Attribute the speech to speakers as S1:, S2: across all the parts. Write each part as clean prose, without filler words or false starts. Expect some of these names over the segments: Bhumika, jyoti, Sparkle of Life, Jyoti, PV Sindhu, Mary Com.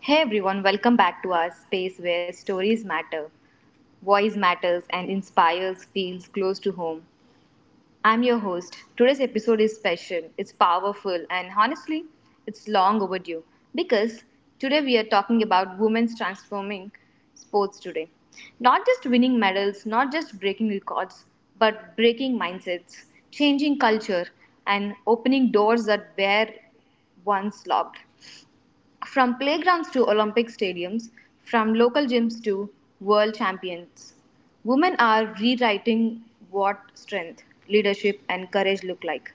S1: Hey everyone, welcome back to our space where stories matter, voice matters, and inspires feels close to home. I'm your host. Today's episode is special, it's powerful, and honestly, it's long overdue because today we are talking about women's transforming sports today. Not just winning medals, not just breaking records, but breaking mindsets, changing culture, and opening doors that were once locked. From playgrounds to Olympic stadiums, from local gyms to world champions, women are rewriting what strength, leadership, and courage look like.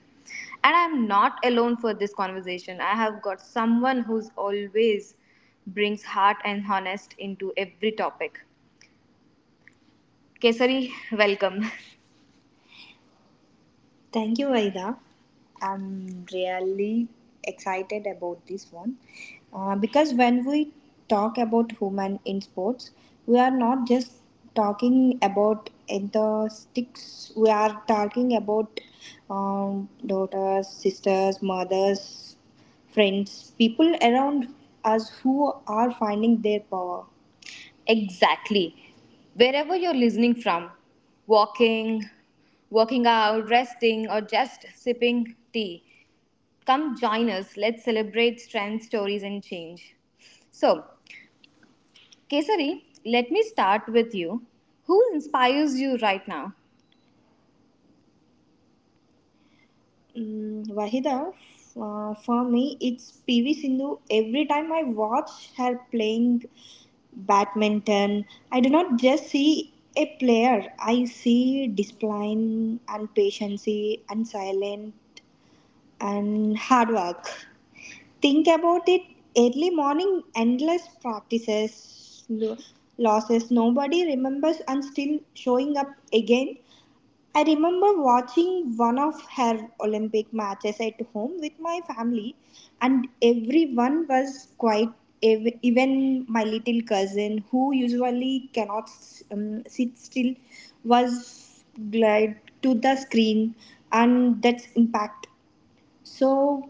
S1: And I'm not alone for this conversation. I have got someone who's always brings heart and honest into every topic. Kesari, welcome. Thank you, Aida. I'm really excited about this one because when we talk about human in sports, we are not just talking about enthusiasts, we are talking about daughters, sisters, mothers, friends, people around us who are finding their power. Exactly. Wherever you're listening from, walking, working out, resting, or just sipping tea, come join us. Let's celebrate strength, stories, and change. So, Kesari, let me start with you. Who inspires you right now? Wahida, for me, it's PV Sindhu. Every time I watch her playing badminton, I do not just see a player, I see discipline and patience and silence and hard work. Think about it: early morning, endless practices, losses, nobody remembers, and still showing up again. I remember watching one of her Olympic matches at home with my family, and everyone was quite, even my little cousin, who usually cannot sit still, was glued to the screen, and that's impact. So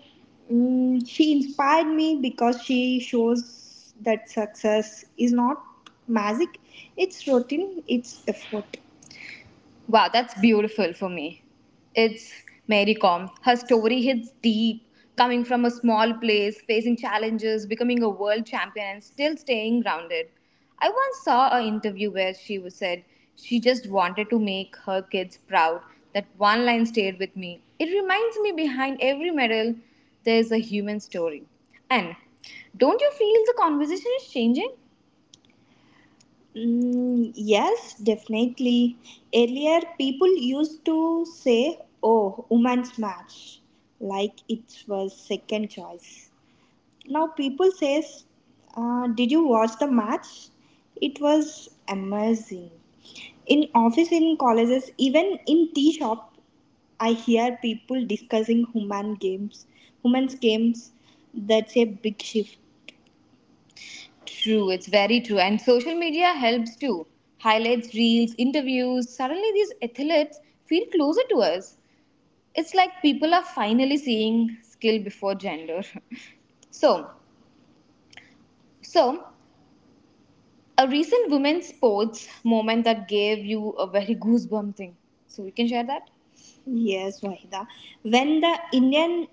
S1: she inspired me because she shows that success is not magic, it's routine, it's effort. Wow, that's beautiful. For me, it's Mary Com. Her story hits deep, coming from a small place, facing challenges, becoming a world champion, and still staying grounded. I once saw an interview where she was said she just wanted to make her kids proud. That one line stayed with me. It reminds me behind every medal, there's a human story. And don't you feel the conversation is changing? Mm, yes, definitely. Earlier, people used to say, oh, women's match, like it was second choice. Now, people says, did you watch the match? It was amazing. In office, in colleges, even in tea shop, I hear people discussing human games, women's games. That's a big shift. True, it's very true. And social media helps too. Highlights, reels, interviews. Suddenly, these athletes feel closer to us. It's like people are finally seeing skill before gender. so, so a recent women's sports moment that gave you a very goosebump thing. So we can share that. Yes, Wahida. When the Indian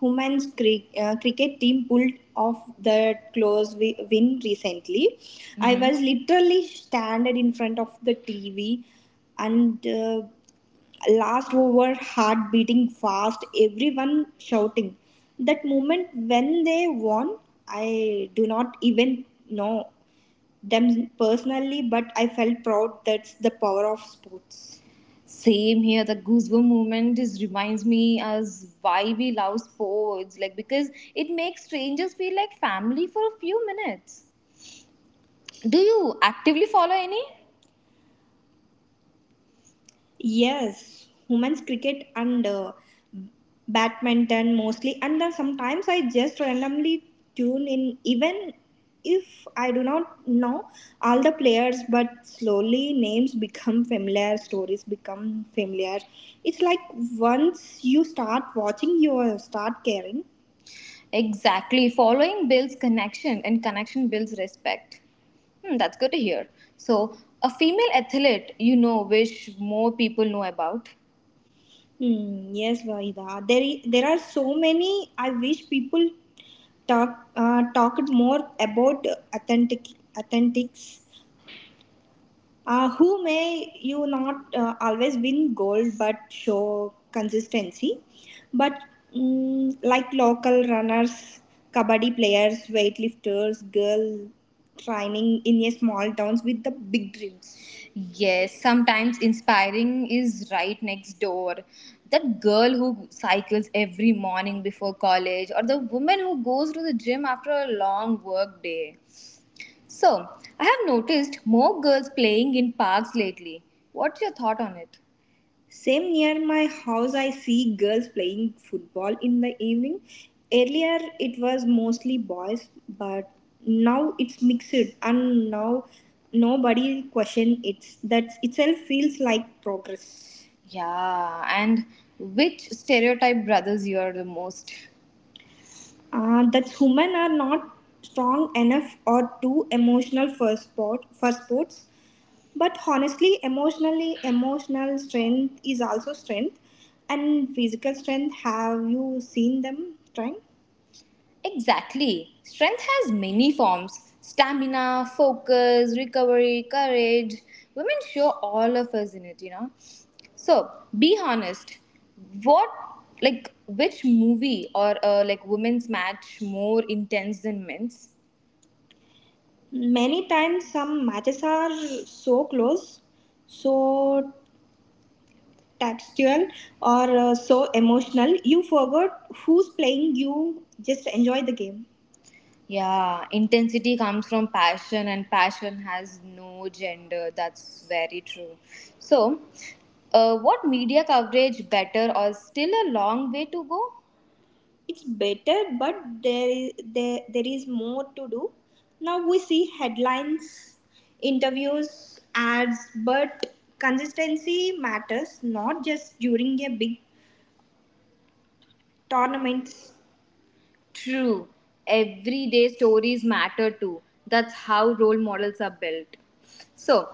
S1: women's cricket team pulled off the close win recently, I was literally standing in front of the TV and last over, heart beating fast, everyone shouting. That moment when they won, I do not even know them personally, but I felt proud. That's the power of sports. Same here. The goosebump moment just reminds me as why we love sports, like because it makes strangers feel like family for a few minutes. Do you actively follow any? Yes, women's cricket and badminton mostly, and then sometimes I just randomly tune in, even if I do not know all the players. But slowly, names become familiar, stories become familiar. It's like once you start watching, you start caring. Exactly. Following builds connection, and connection builds respect. Hmm, that's good to hear. So, a female athlete you know wish more people know about. Hmm, yes, Vahida. There, there are so many. I wish people talked more about authentic authentics who may you not always win gold but show consistency? But like local runners, kabaddi players, weightlifters, girl training in a small towns with the big dreams. Yes, sometimes inspiring is right next door. That girl who cycles every morning before college, or the woman who goes to the gym after a long work day. So, I have noticed more girls playing in parks lately. What's your thought on it? Same near my house, I see girls playing football in the evening. Earlier, it was mostly boys, but now it's mixed, and now nobody question it. That itself feels like progress. Yeah, and which stereotype brothers you are the most? That women are not strong enough or too emotional for sports, but honestly, emotionally emotional strength is also strength, and physical strength, have you seen them trying? Exactly. Strength has many forms: stamina, focus, recovery, courage. Women show all of us in it, you know. So be honest. What like which movie or like women's match more intense than men's? Many times, some matches are so close, so textual, or so emotional, you forgot who's playing, you just enjoy the game. Yeah, intensity comes from passion, and passion has no gender. That's very true. So, what media coverage better or still a long way to go? It's better, but there is more to do. Now we see headlines, interviews, ads, but consistency matters, not just during a big tournament. True, everyday stories matter too. That's how role models are built. So,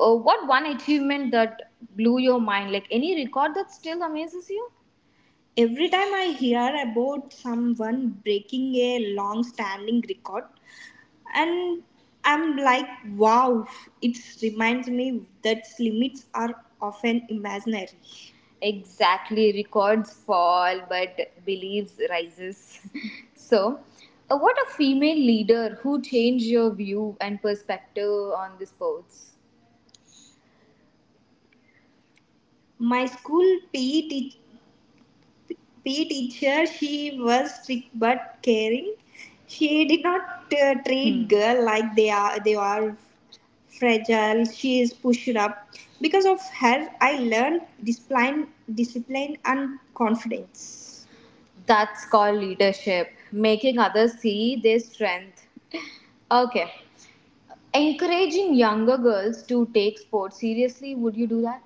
S1: what one achievement that blew your mind? Like any record that still amazes you? Every time I hear about someone breaking a long standing record, and I'm like wow, it reminds me that limits are often imaginary. Exactly, records fall, but beliefs rises. So, what a female leader who changed your view and perspective on the sports? My school pe, PE teacher, she was strict but caring. She did not treat girl like they are fragile. She is pushed up because of her I learned discipline and confidence. That's called leadership, making others see their strength. Okay. Encouraging younger girls to take sports seriously, would you do that?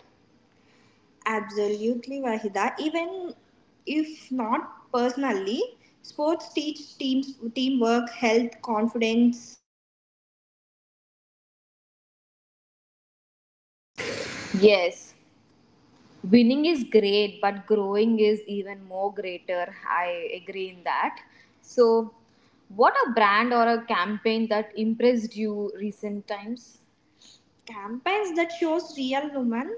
S1: Absolutely Wahida, even if not personally, sports teach teams teamwork, health, confidence.
S2: Yes, winning is great, but growing is even more greater. I agree in that. So, what a brand or a campaign that impressed you recent times? Campaigns that shows real women,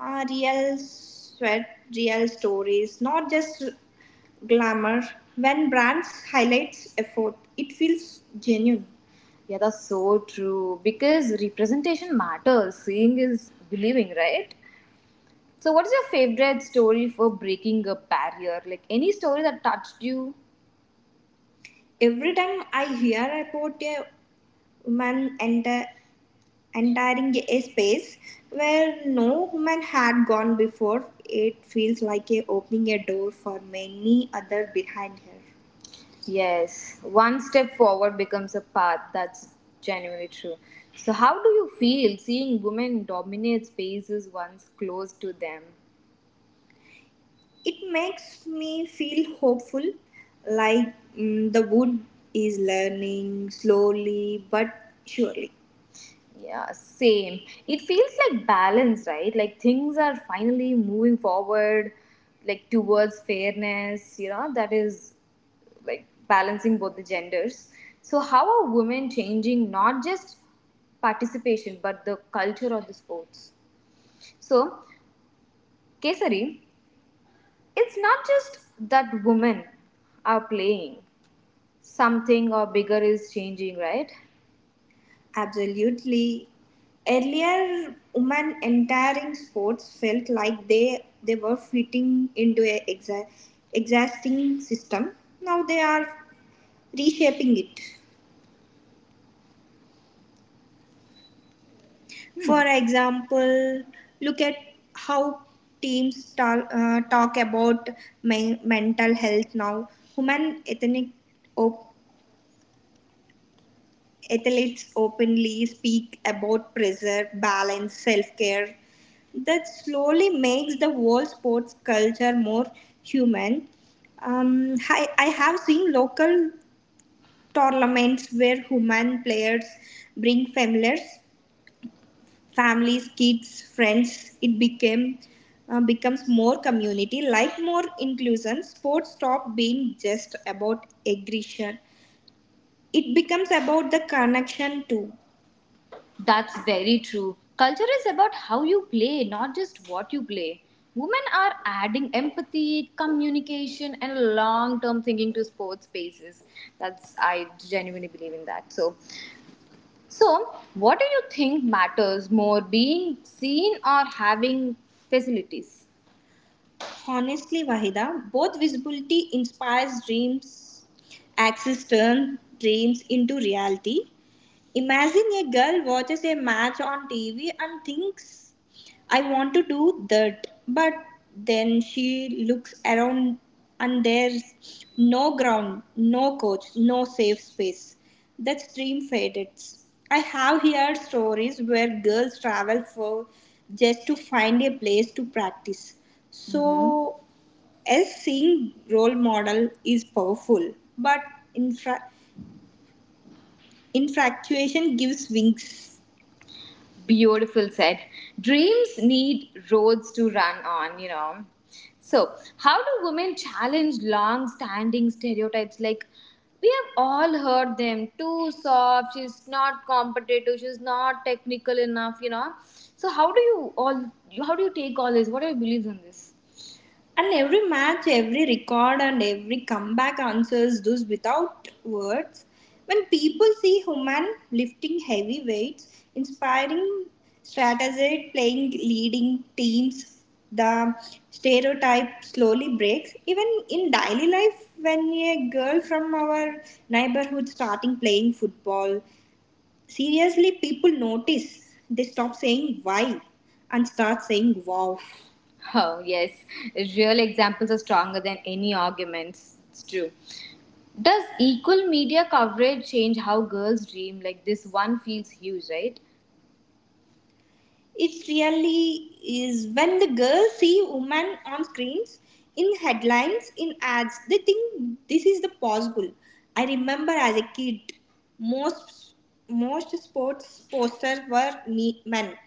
S2: real sweat, real stories, not just glamour. When brands highlights effort, it feels genuine. Yeah, that's so true. Because representation matters. Seeing is believing, right? So, what is your favorite story for breaking a barrier? Like any story that touched you? Every time I hear about a woman entering a space where no woman had gone before, it feels like a opening a door for many other behind her. Yes, one step forward becomes a path. That's genuinely true. So, how do you feel seeing women dominate spaces once close to them? It makes me feel hopeful, like, the wood is learning slowly but surely. Yeah, same. It feels like balance, right? Like things are finally moving forward, like towards fairness, that is like balancing both the genders. So, how are women changing not just participation but the culture of the sports? So, Kesari, it's not just that women are playing, something or bigger is changing, right? Absolutely. Earlier, women entering sports felt like they were fitting into an existing system. Now they are reshaping it. For example, look at how teams talk about mental health now. Human ethnic op- athletes openly speak about pressure, balance, self care. That slowly makes the whole sports culture more human. I have seen local tournaments where human players bring families, kids, friends. It became becomes more community, like more inclusion. Sports stop being just about aggression. It becomes about the connection too. That's very true. Culture is about how you play, not just what you play. Women are adding empathy, communication, and long term thinking to sports spaces. That's I genuinely believe in that. So, what do you think matters more, being seen or having facilities? Honestly, Wahida, both visibility inspires dreams, access turn dreams into reality. Imagine a girl watches a match on TV and thinks, I want to do that. But then she looks around and there's no ground, no coach, no safe space. That dream fades. I have heard stories where girls travel for just to find a place to practice. Mhm. So, as seeing role model is powerful, but infra- infatuation gives wings. Beautiful said. Dreams need roads to run on, you know. So, how do women challenge long standing stereotypes? Like, we have all heard them too soft, she's not competitive, she's not technical enough, you know. So, how do you all, how do you take all this? What are your beliefs on this? And every match, every record, and every comeback answers those without words. When people see Human lifting heavy weights, inspiring strategist, playing leading teams, the stereotype slowly breaks. Even in daily life, when a girl from our neighborhood starting playing football, seriously, people notice. They stop saying why and start saying wow. Oh, yes. Real examples are stronger than any arguments. It's true. Does equal media coverage change how girls dream? Like, this one feels huge, right? It really is when the girls see women on screens, in headlines, in ads, they think this is the possible. I remember as a kid, most most sports posters were men.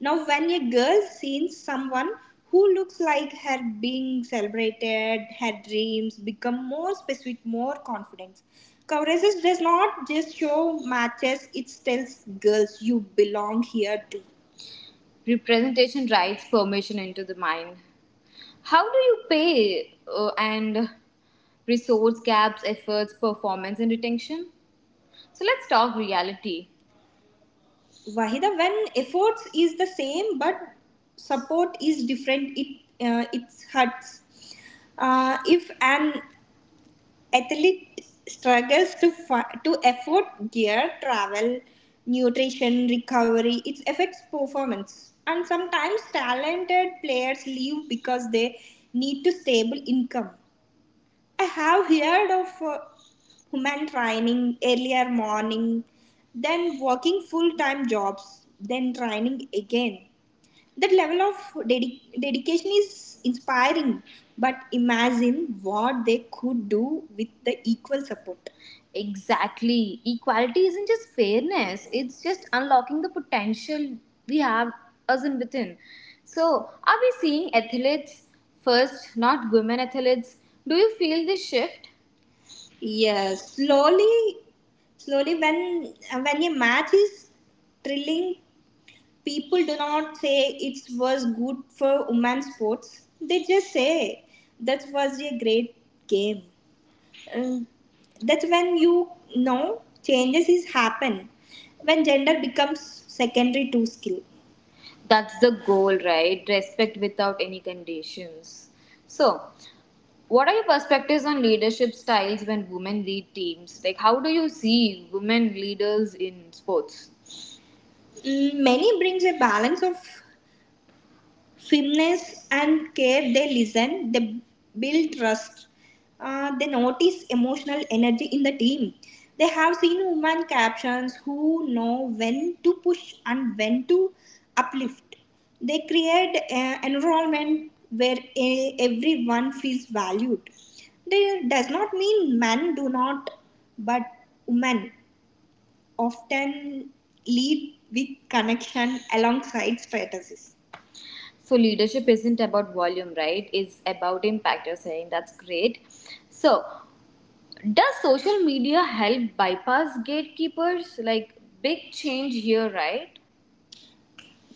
S2: Now, when a girl sees someone who looks like her being celebrated, her dreams become more specific, more confidence. Coverage does not just show matches, it tells girls you belong here too. Representation rights permission into the mind. How do you pay, and resource gaps efforts performance and retention? So let's talk reality, Wahida, when efforts is the same but support is different, it hurts. If an athlete struggles to to afford gear, travel, nutrition, recovery. It affects performance, and sometimes talented players leave because they need to stable income. I have heard of human training earlier morning, then working full time jobs, then training again. That level of dedication is inspiring, but imagine what they could do with the equal support. Exactly. Equality isn't just fairness, it's just unlocking the potential we have us in within. So, are we seeing athletes first, not women athletes? Do you feel this shift? Yes, slowly slowly when a match is thrilling people do not say it was good for women's sports. They just say that was a great game. Um, that's when you know changes is happen when gender becomes secondary to skill. That's the goal, right? Respect without any conditions. So, what are your perspectives on leadership styles when women lead teams? Like, how do you see women leaders in sports? Many brings a balance of firmness and care. They listen, they build trust. They notice emotional energy in the team. They have seen women captions who know when to push and when to uplift. They create an environment where everyone feels valued. That does not mean men do not, but women often lead with connection alongside strategies. So leadership isn't about volume, right? It's about impact. You're saying that's great. So does social media help bypass gatekeepers? Like big change here, right?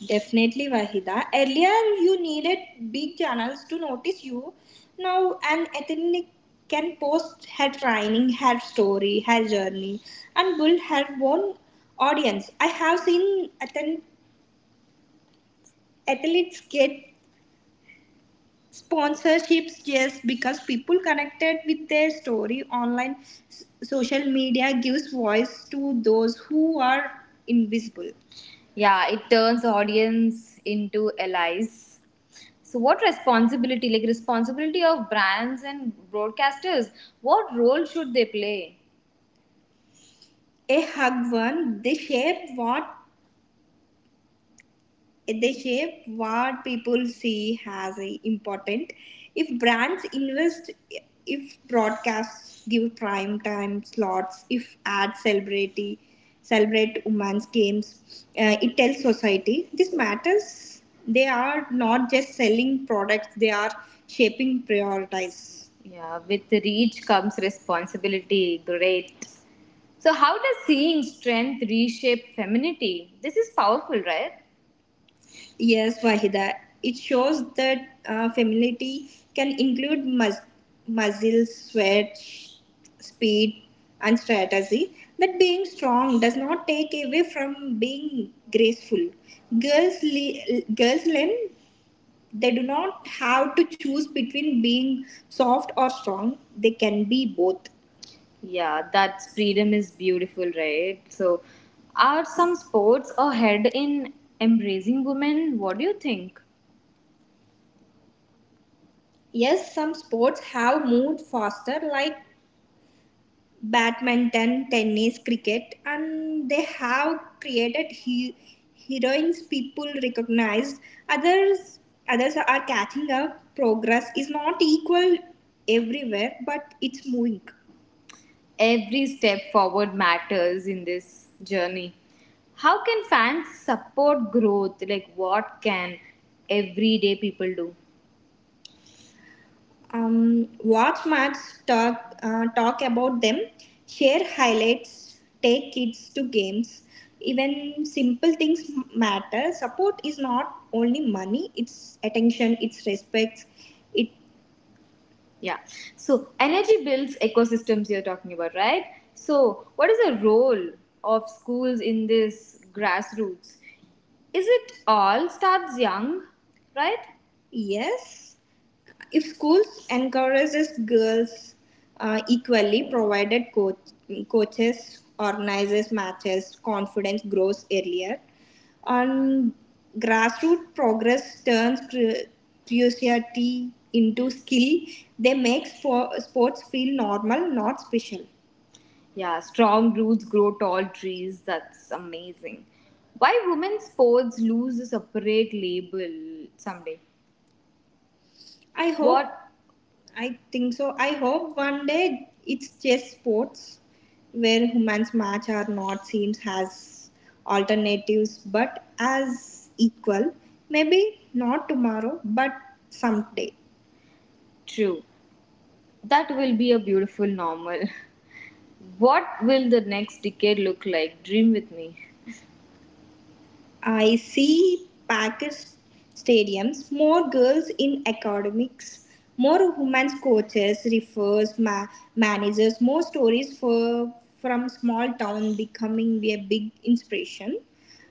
S2: Definitely, Vahida. Earlier, you needed big channels to notice you. Now, an ethnic can post her training, her story, her journey, and build her own audience. I have seen athletes get sponsorships. Yes, because people connected with their story online. Social media gives voice to those who are invisible. Yeah, it turns audience into allies. So, what responsibility, like responsibility of brands and broadcasters, what role should they play? A hug one. They share what they shape what people see as a important. If brands invest, if broadcasts give prime time slots, if ads celebrity celebrate women's games, it tells society this matters. They are not just selling products, they are shaping priorities. Yeah, with reach comes responsibility. Great. So, how does seeing strength reshape femininity? This is powerful, right? Yes, Wahida. It shows that femininity can include muscle, sweat, speed, and strategy. That being strong does not take away from being graceful. Girls, girls learn they do not have to choose between being soft or strong. They can be both. Yeah, that freedom is beautiful, right? So, are some sports ahead in embracing women? What do you think? Yes, some sports have moved faster, like badminton, tennis, cricket, and they have created heroines people recognized. Others, others are catching up. Progress is not equal everywhere, but it's moving. Every step forward matters in this journey. How can fans support growth? Like, what can everyday people do? Watch match, talk talk about them, share highlights, take kids to games, even simple things matter. Support is not only money, it's attention, it's respect. It yeah. So energy builds ecosystems you're talking about, right? So what is the role of schools in this grassroots? Is it all starts young, right? Yes, if schools encourages girls equally, provided coach, coaches organizes matches, confidence grows earlier. And grassroots progress turns curiosity into skill. They make sports feel normal, not special. Yeah, strong roots grow tall trees. That's amazing. Why women's sports lose a separate label someday? I hope. What? I think so. I hope one day it's just sports where humans match our not seems has alternatives but as equal. Maybe not tomorrow, but someday. True. That will be a beautiful normal. What will the next decade look like? Dream with me. I see packed stadiums, more girls in academics, more women's coaches, refers, managers, more stories from small town becoming a big inspiration,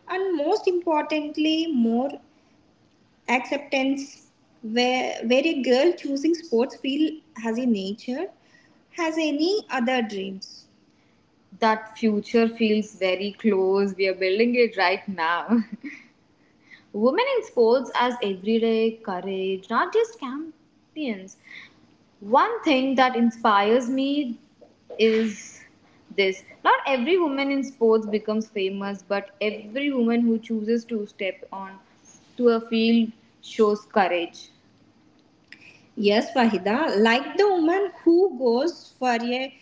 S2: and most importantly, more acceptance where, a girl choosing sports field has a nature, has any other dreams. That future feels very close. We are building it right now. Women in sports as everyday courage, not just champions. One thing that inspires me is this not every woman in sports becomes famous, but every woman who chooses to step on to a field shows courage. Yes, Fahida, like the woman who goes for a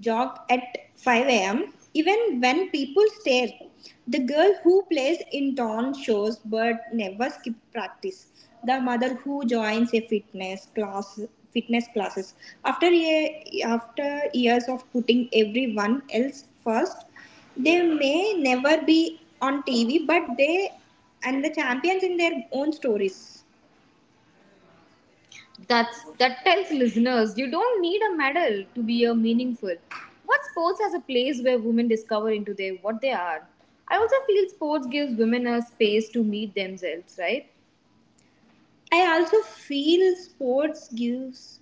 S2: jog at 5 a.m. even when people stare, the girl who plays in torn shows but never skip practice. The mother who joins a fitness class fitness classes after a, after years of putting everyone else first, they may never be on TV, but they and the champions in their own stories. That's that tells listeners you don't need a medal to be a meaningful. What sports has a place where women discover into their what they are. I also feel sports gives women a space to meet themselves, right? I also feel sports gives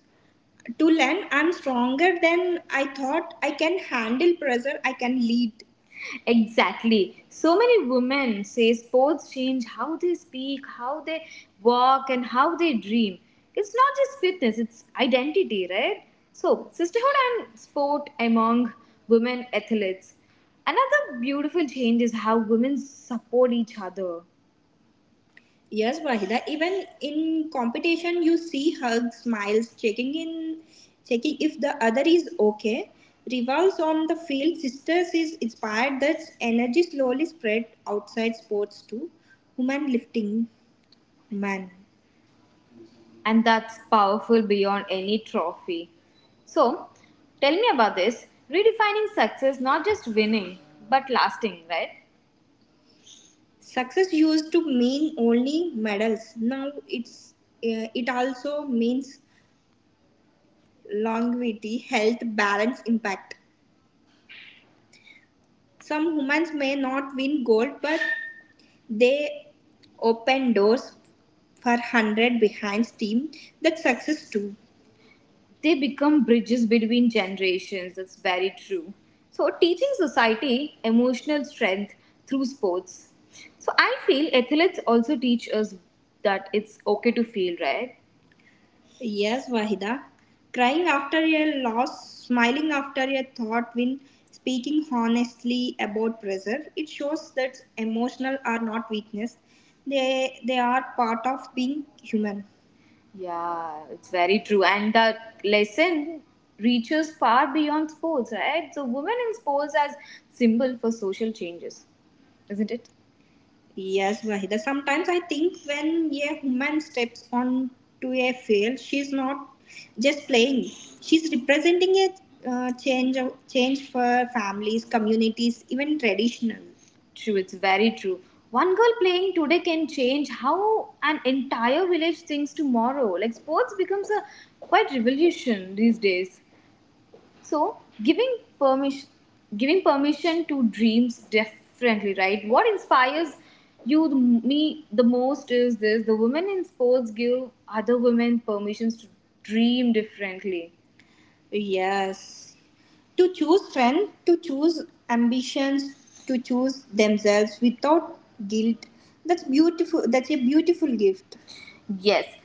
S2: to learn I'm stronger than I thought. I can handle pressure. I can lead. Exactly. So many women say sports change how they speak, how they walk, and how they dream. It's not just fitness, it's identity, right? So, sisterhood and sport among women athletes. Another beautiful change is how women support each other. Yes, Wahida. Even in competition, you see hugs, smiles, checking in, checking if the other is okay. Rivals on the field, sisters is inspired that energy slowly spread outside sports too. Human lifting, man. And that's powerful beyond any trophy. So, tell me about this redefining success, not just winning, but lasting, right? Success used to mean only medals. Now it's it also means longevity, health, balance, impact. Some humans may not win gold, but they open doors for hundred behind steam. That's success too. They become bridges between generations. That's very true. So, teaching society emotional strength through sports. So, I feel athletes also teach us that it's okay to feel, right? Yes, Wahida. Crying after a loss, smiling after a thought win, speaking honestly about pressure, it shows that emotional are not weakness. They are part of being human. Yeah, it's very true. And the lesson reaches far beyond sports, right? So, women in sports as symbol for social changes, isn't it? Yes, Wahida. Sometimes I think when a woman steps onto a field, she's not just playing. She's representing a change for families, communities, even traditional. True, it's very true. One girl playing today can change how an entire village thinks tomorrow. Like sports becomes a quite revolution these days. So giving permission to dreams differently, right? What inspires me the most is this: the women in sports give other women permissions to dream differently. Yes, to choose strength, to choose ambitions, to choose themselves without guilt. That's beautiful. That's a beautiful gift. Yes.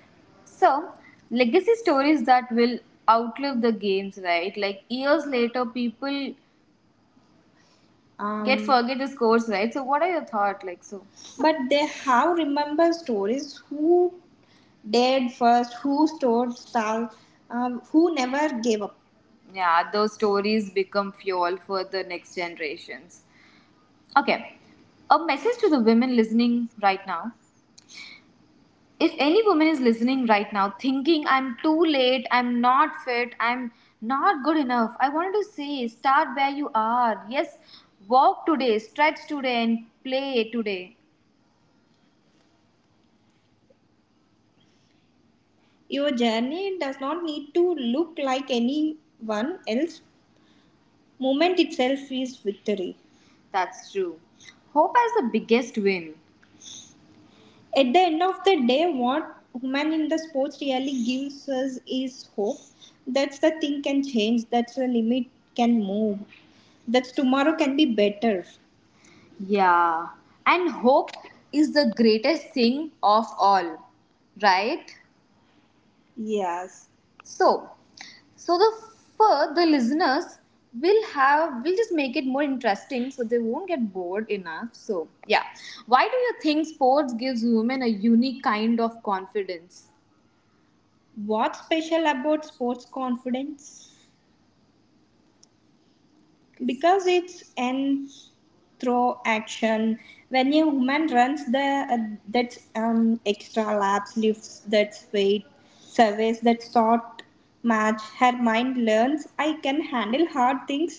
S2: So, legacy stories that will outlive the games, right? Like years later, people get forget the scores, right? So, what are your thoughts? But they have remember stories who dared first, who stood tall, who never gave up. Yeah, those stories become fuel for the next generations. Okay, a message to the women listening right now. If any woman is listening right now thinking, I'm too late, I'm not fit, I'm not good enough, I wanted to say, start where you are. Yes, walk today, stretch today, and play today. Your journey does not need to look like anyone else. Moment itself is victory. That's true. Hope has the biggest win. At the end of the day, what women in the sports really gives us is hope. That's the thing can change. That's the limit can move. That's tomorrow can be better. Yeah. And hope is the greatest thing of all, right? Yes. So, So the for the listeners will just make it more interesting so they won't get bored enough. So yeah. Why do you think sports gives women a unique kind of confidence? What's special about sports confidence? Because it's an throw action when a woman runs the that extra laps lifts that weight surveys that sort match her mind learns I can handle hard things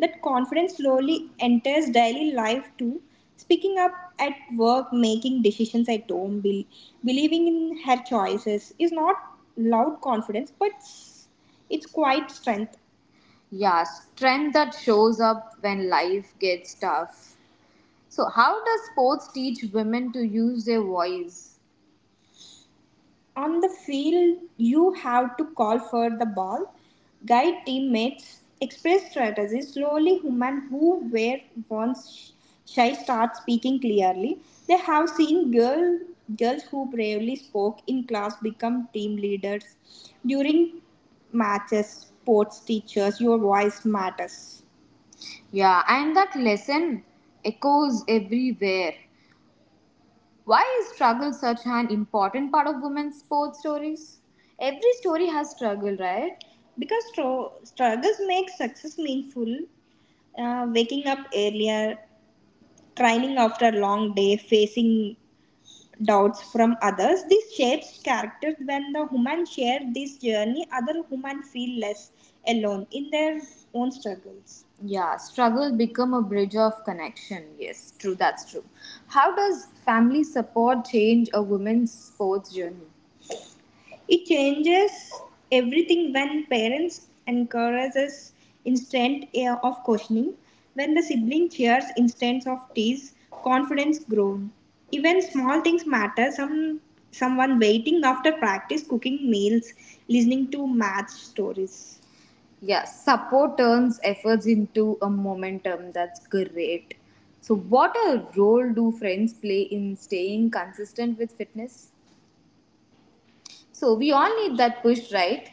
S2: that confidence slowly enters daily life too speaking up at work making decisions at home believing in her choices is not loud confidence but it's quite strength. Yeah, strength that shows up when life gets tough. So, how does sports teach women to use their voice? On the field, you have to call for the ball, guide teammates, express strategies. Slowly, women who were once shy start speaking clearly. They have seen girls who bravely spoke in class become team leaders. During matches, sports teachers, your voice matters. Yeah, and that lesson echoes everywhere. Why is struggle such an important part of women's sports stories? Every story has struggle, right? Because struggles make success meaningful, waking up earlier, training after a long day, facing doubts from others. This shapes characters. When the human share this journey, other human feel less alone in their own struggles. Yeah, struggle become a bridge of connection. Yes, true, that's true. How does family support change a woman's sports journey? It changes everything when parents encourages instant air of cautioning, when the sibling cheers instance of tease, confidence grown. Even small things matter. Someone waiting after practice cooking meals, listening to match stories. Yeah, support turns efforts into a momentum. That's great. So, what a role do friends play in staying consistent with fitness? So, we all need that push, right?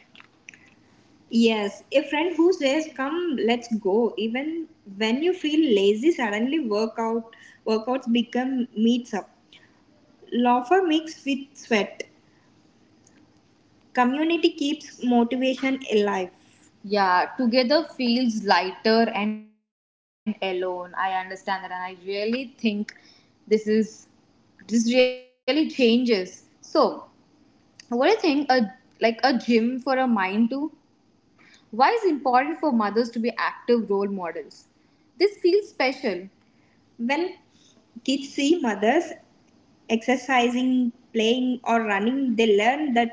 S2: Yes, a friend who says, "Come, let's go," even when you feel lazy, suddenly workouts become meets up. Laughter mixed with sweat. Community keeps motivation alive. Yeah, together feels lighter and alone. I understand that, and I really think this is this really changes. So, what do you think? A like a gym for a mind too? Why is it important for mothers to be active role models? This feels special. When kids see mothers exercising, playing, or running, they learn that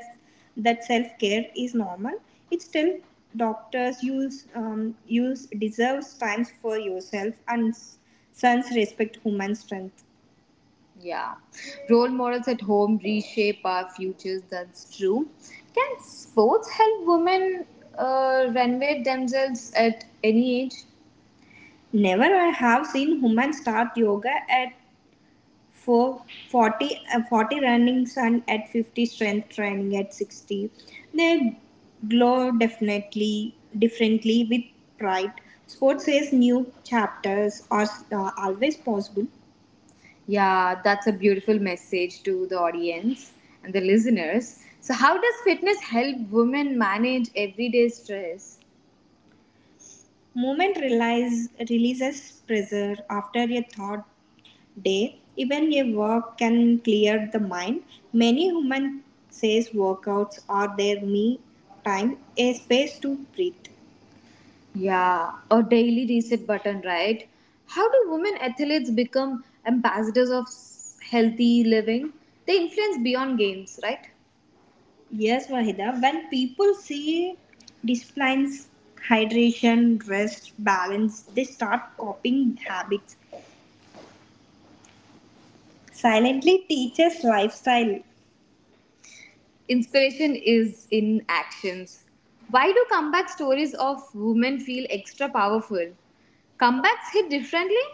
S2: that self care is normal. It's still doctors use deserves times for yourself and sons respect human strength. Yeah. Role models at home reshape our futures, that's true. Can sports help women renovate themselves at any age? Never I have seen women start yoga at 4, 40, 40 running and at 50 strength training at 60. They glow definitely differently with pride. Sports says new chapters are always possible. Yeah, that's a beautiful message to the audience and the listeners. So, how does fitness help women manage everyday stress? Releases pressure after a thought day. Even a work can clear the mind. Many women says workouts are their me time, a space to breathe. Yeah, a daily reset button, right? How do women athletes become ambassadors of healthy living? They influence beyond games, right? Yes, Wahida, when people see disciplines, hydration, rest, balance, they start copying habits. Silently teaches lifestyle. Inspiration is in actions. Why do comeback stories of women feel extra powerful? Comebacks hit differently?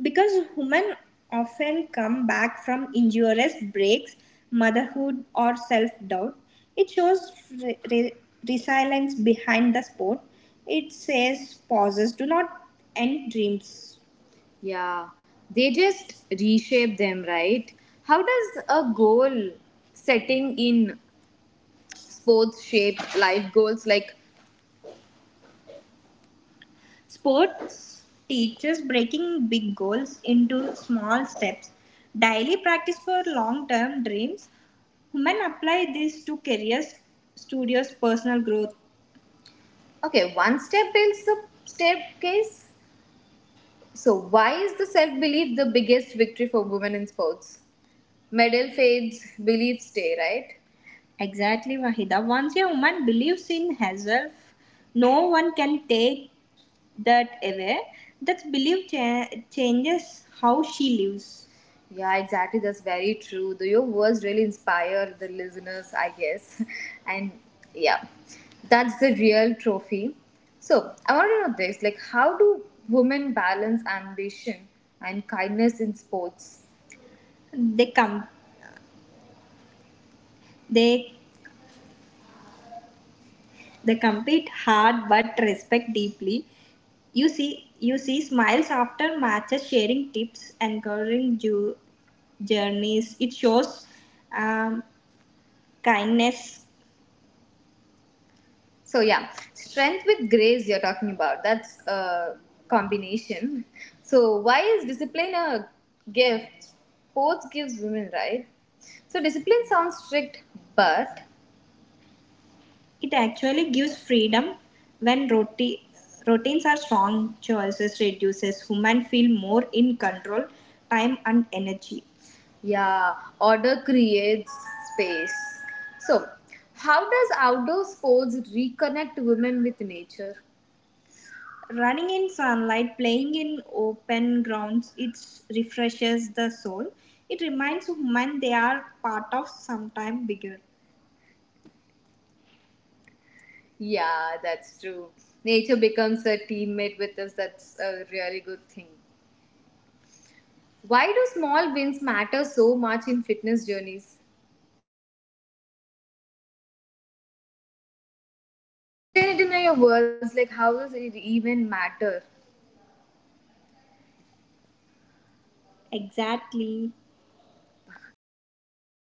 S2: Because women often come back from injurious breaks, motherhood, or self doubt, it shows re- re- resilience behind the sport. It says pauses do not end dreams. Yeah, they just reshape them, right? How does a goal setting in sports shape life goals like Sports teaches breaking big goals into small steps. Daily practice for long term dreams. Women apply this to careers, studios, personal growth. Okay, one step builds the staircase. So, why is the self belief the biggest victory for women in sports? Medal fades, beliefs stay, right? Exactly, Wahida. Once a woman believes in herself, no one can take that away that belief changes how she lives. Yeah, exactly. That's very true. The, your words really inspire the listeners, I guess. And yeah, that's the real trophy. So I want to know this: like, how do women balance ambition and kindness in sports? They come they they compete hard but respect deeply. You see smiles after matches, sharing tips, encouraging journeys. It shows um, kindness. So yeah, strength with grace you're talking about. That's a combination. So why is discipline a gift? Sports gives women, right? So discipline sounds strict, but it actually gives freedom when routines are strong, choices reduces, human feel more in control, time and energy. Yeah, order creates space. So, how does outdoor sports reconnect women with nature? Running in sunlight, playing in open grounds, it refreshes the soul. It reminds women they are part of something bigger. Yeah, that's true. Nature becomes a teammate with us. That's a really good thing. Why do small wins matter so much in fitness journeys? I deny your words, like how does it even matter? Exactly. Array,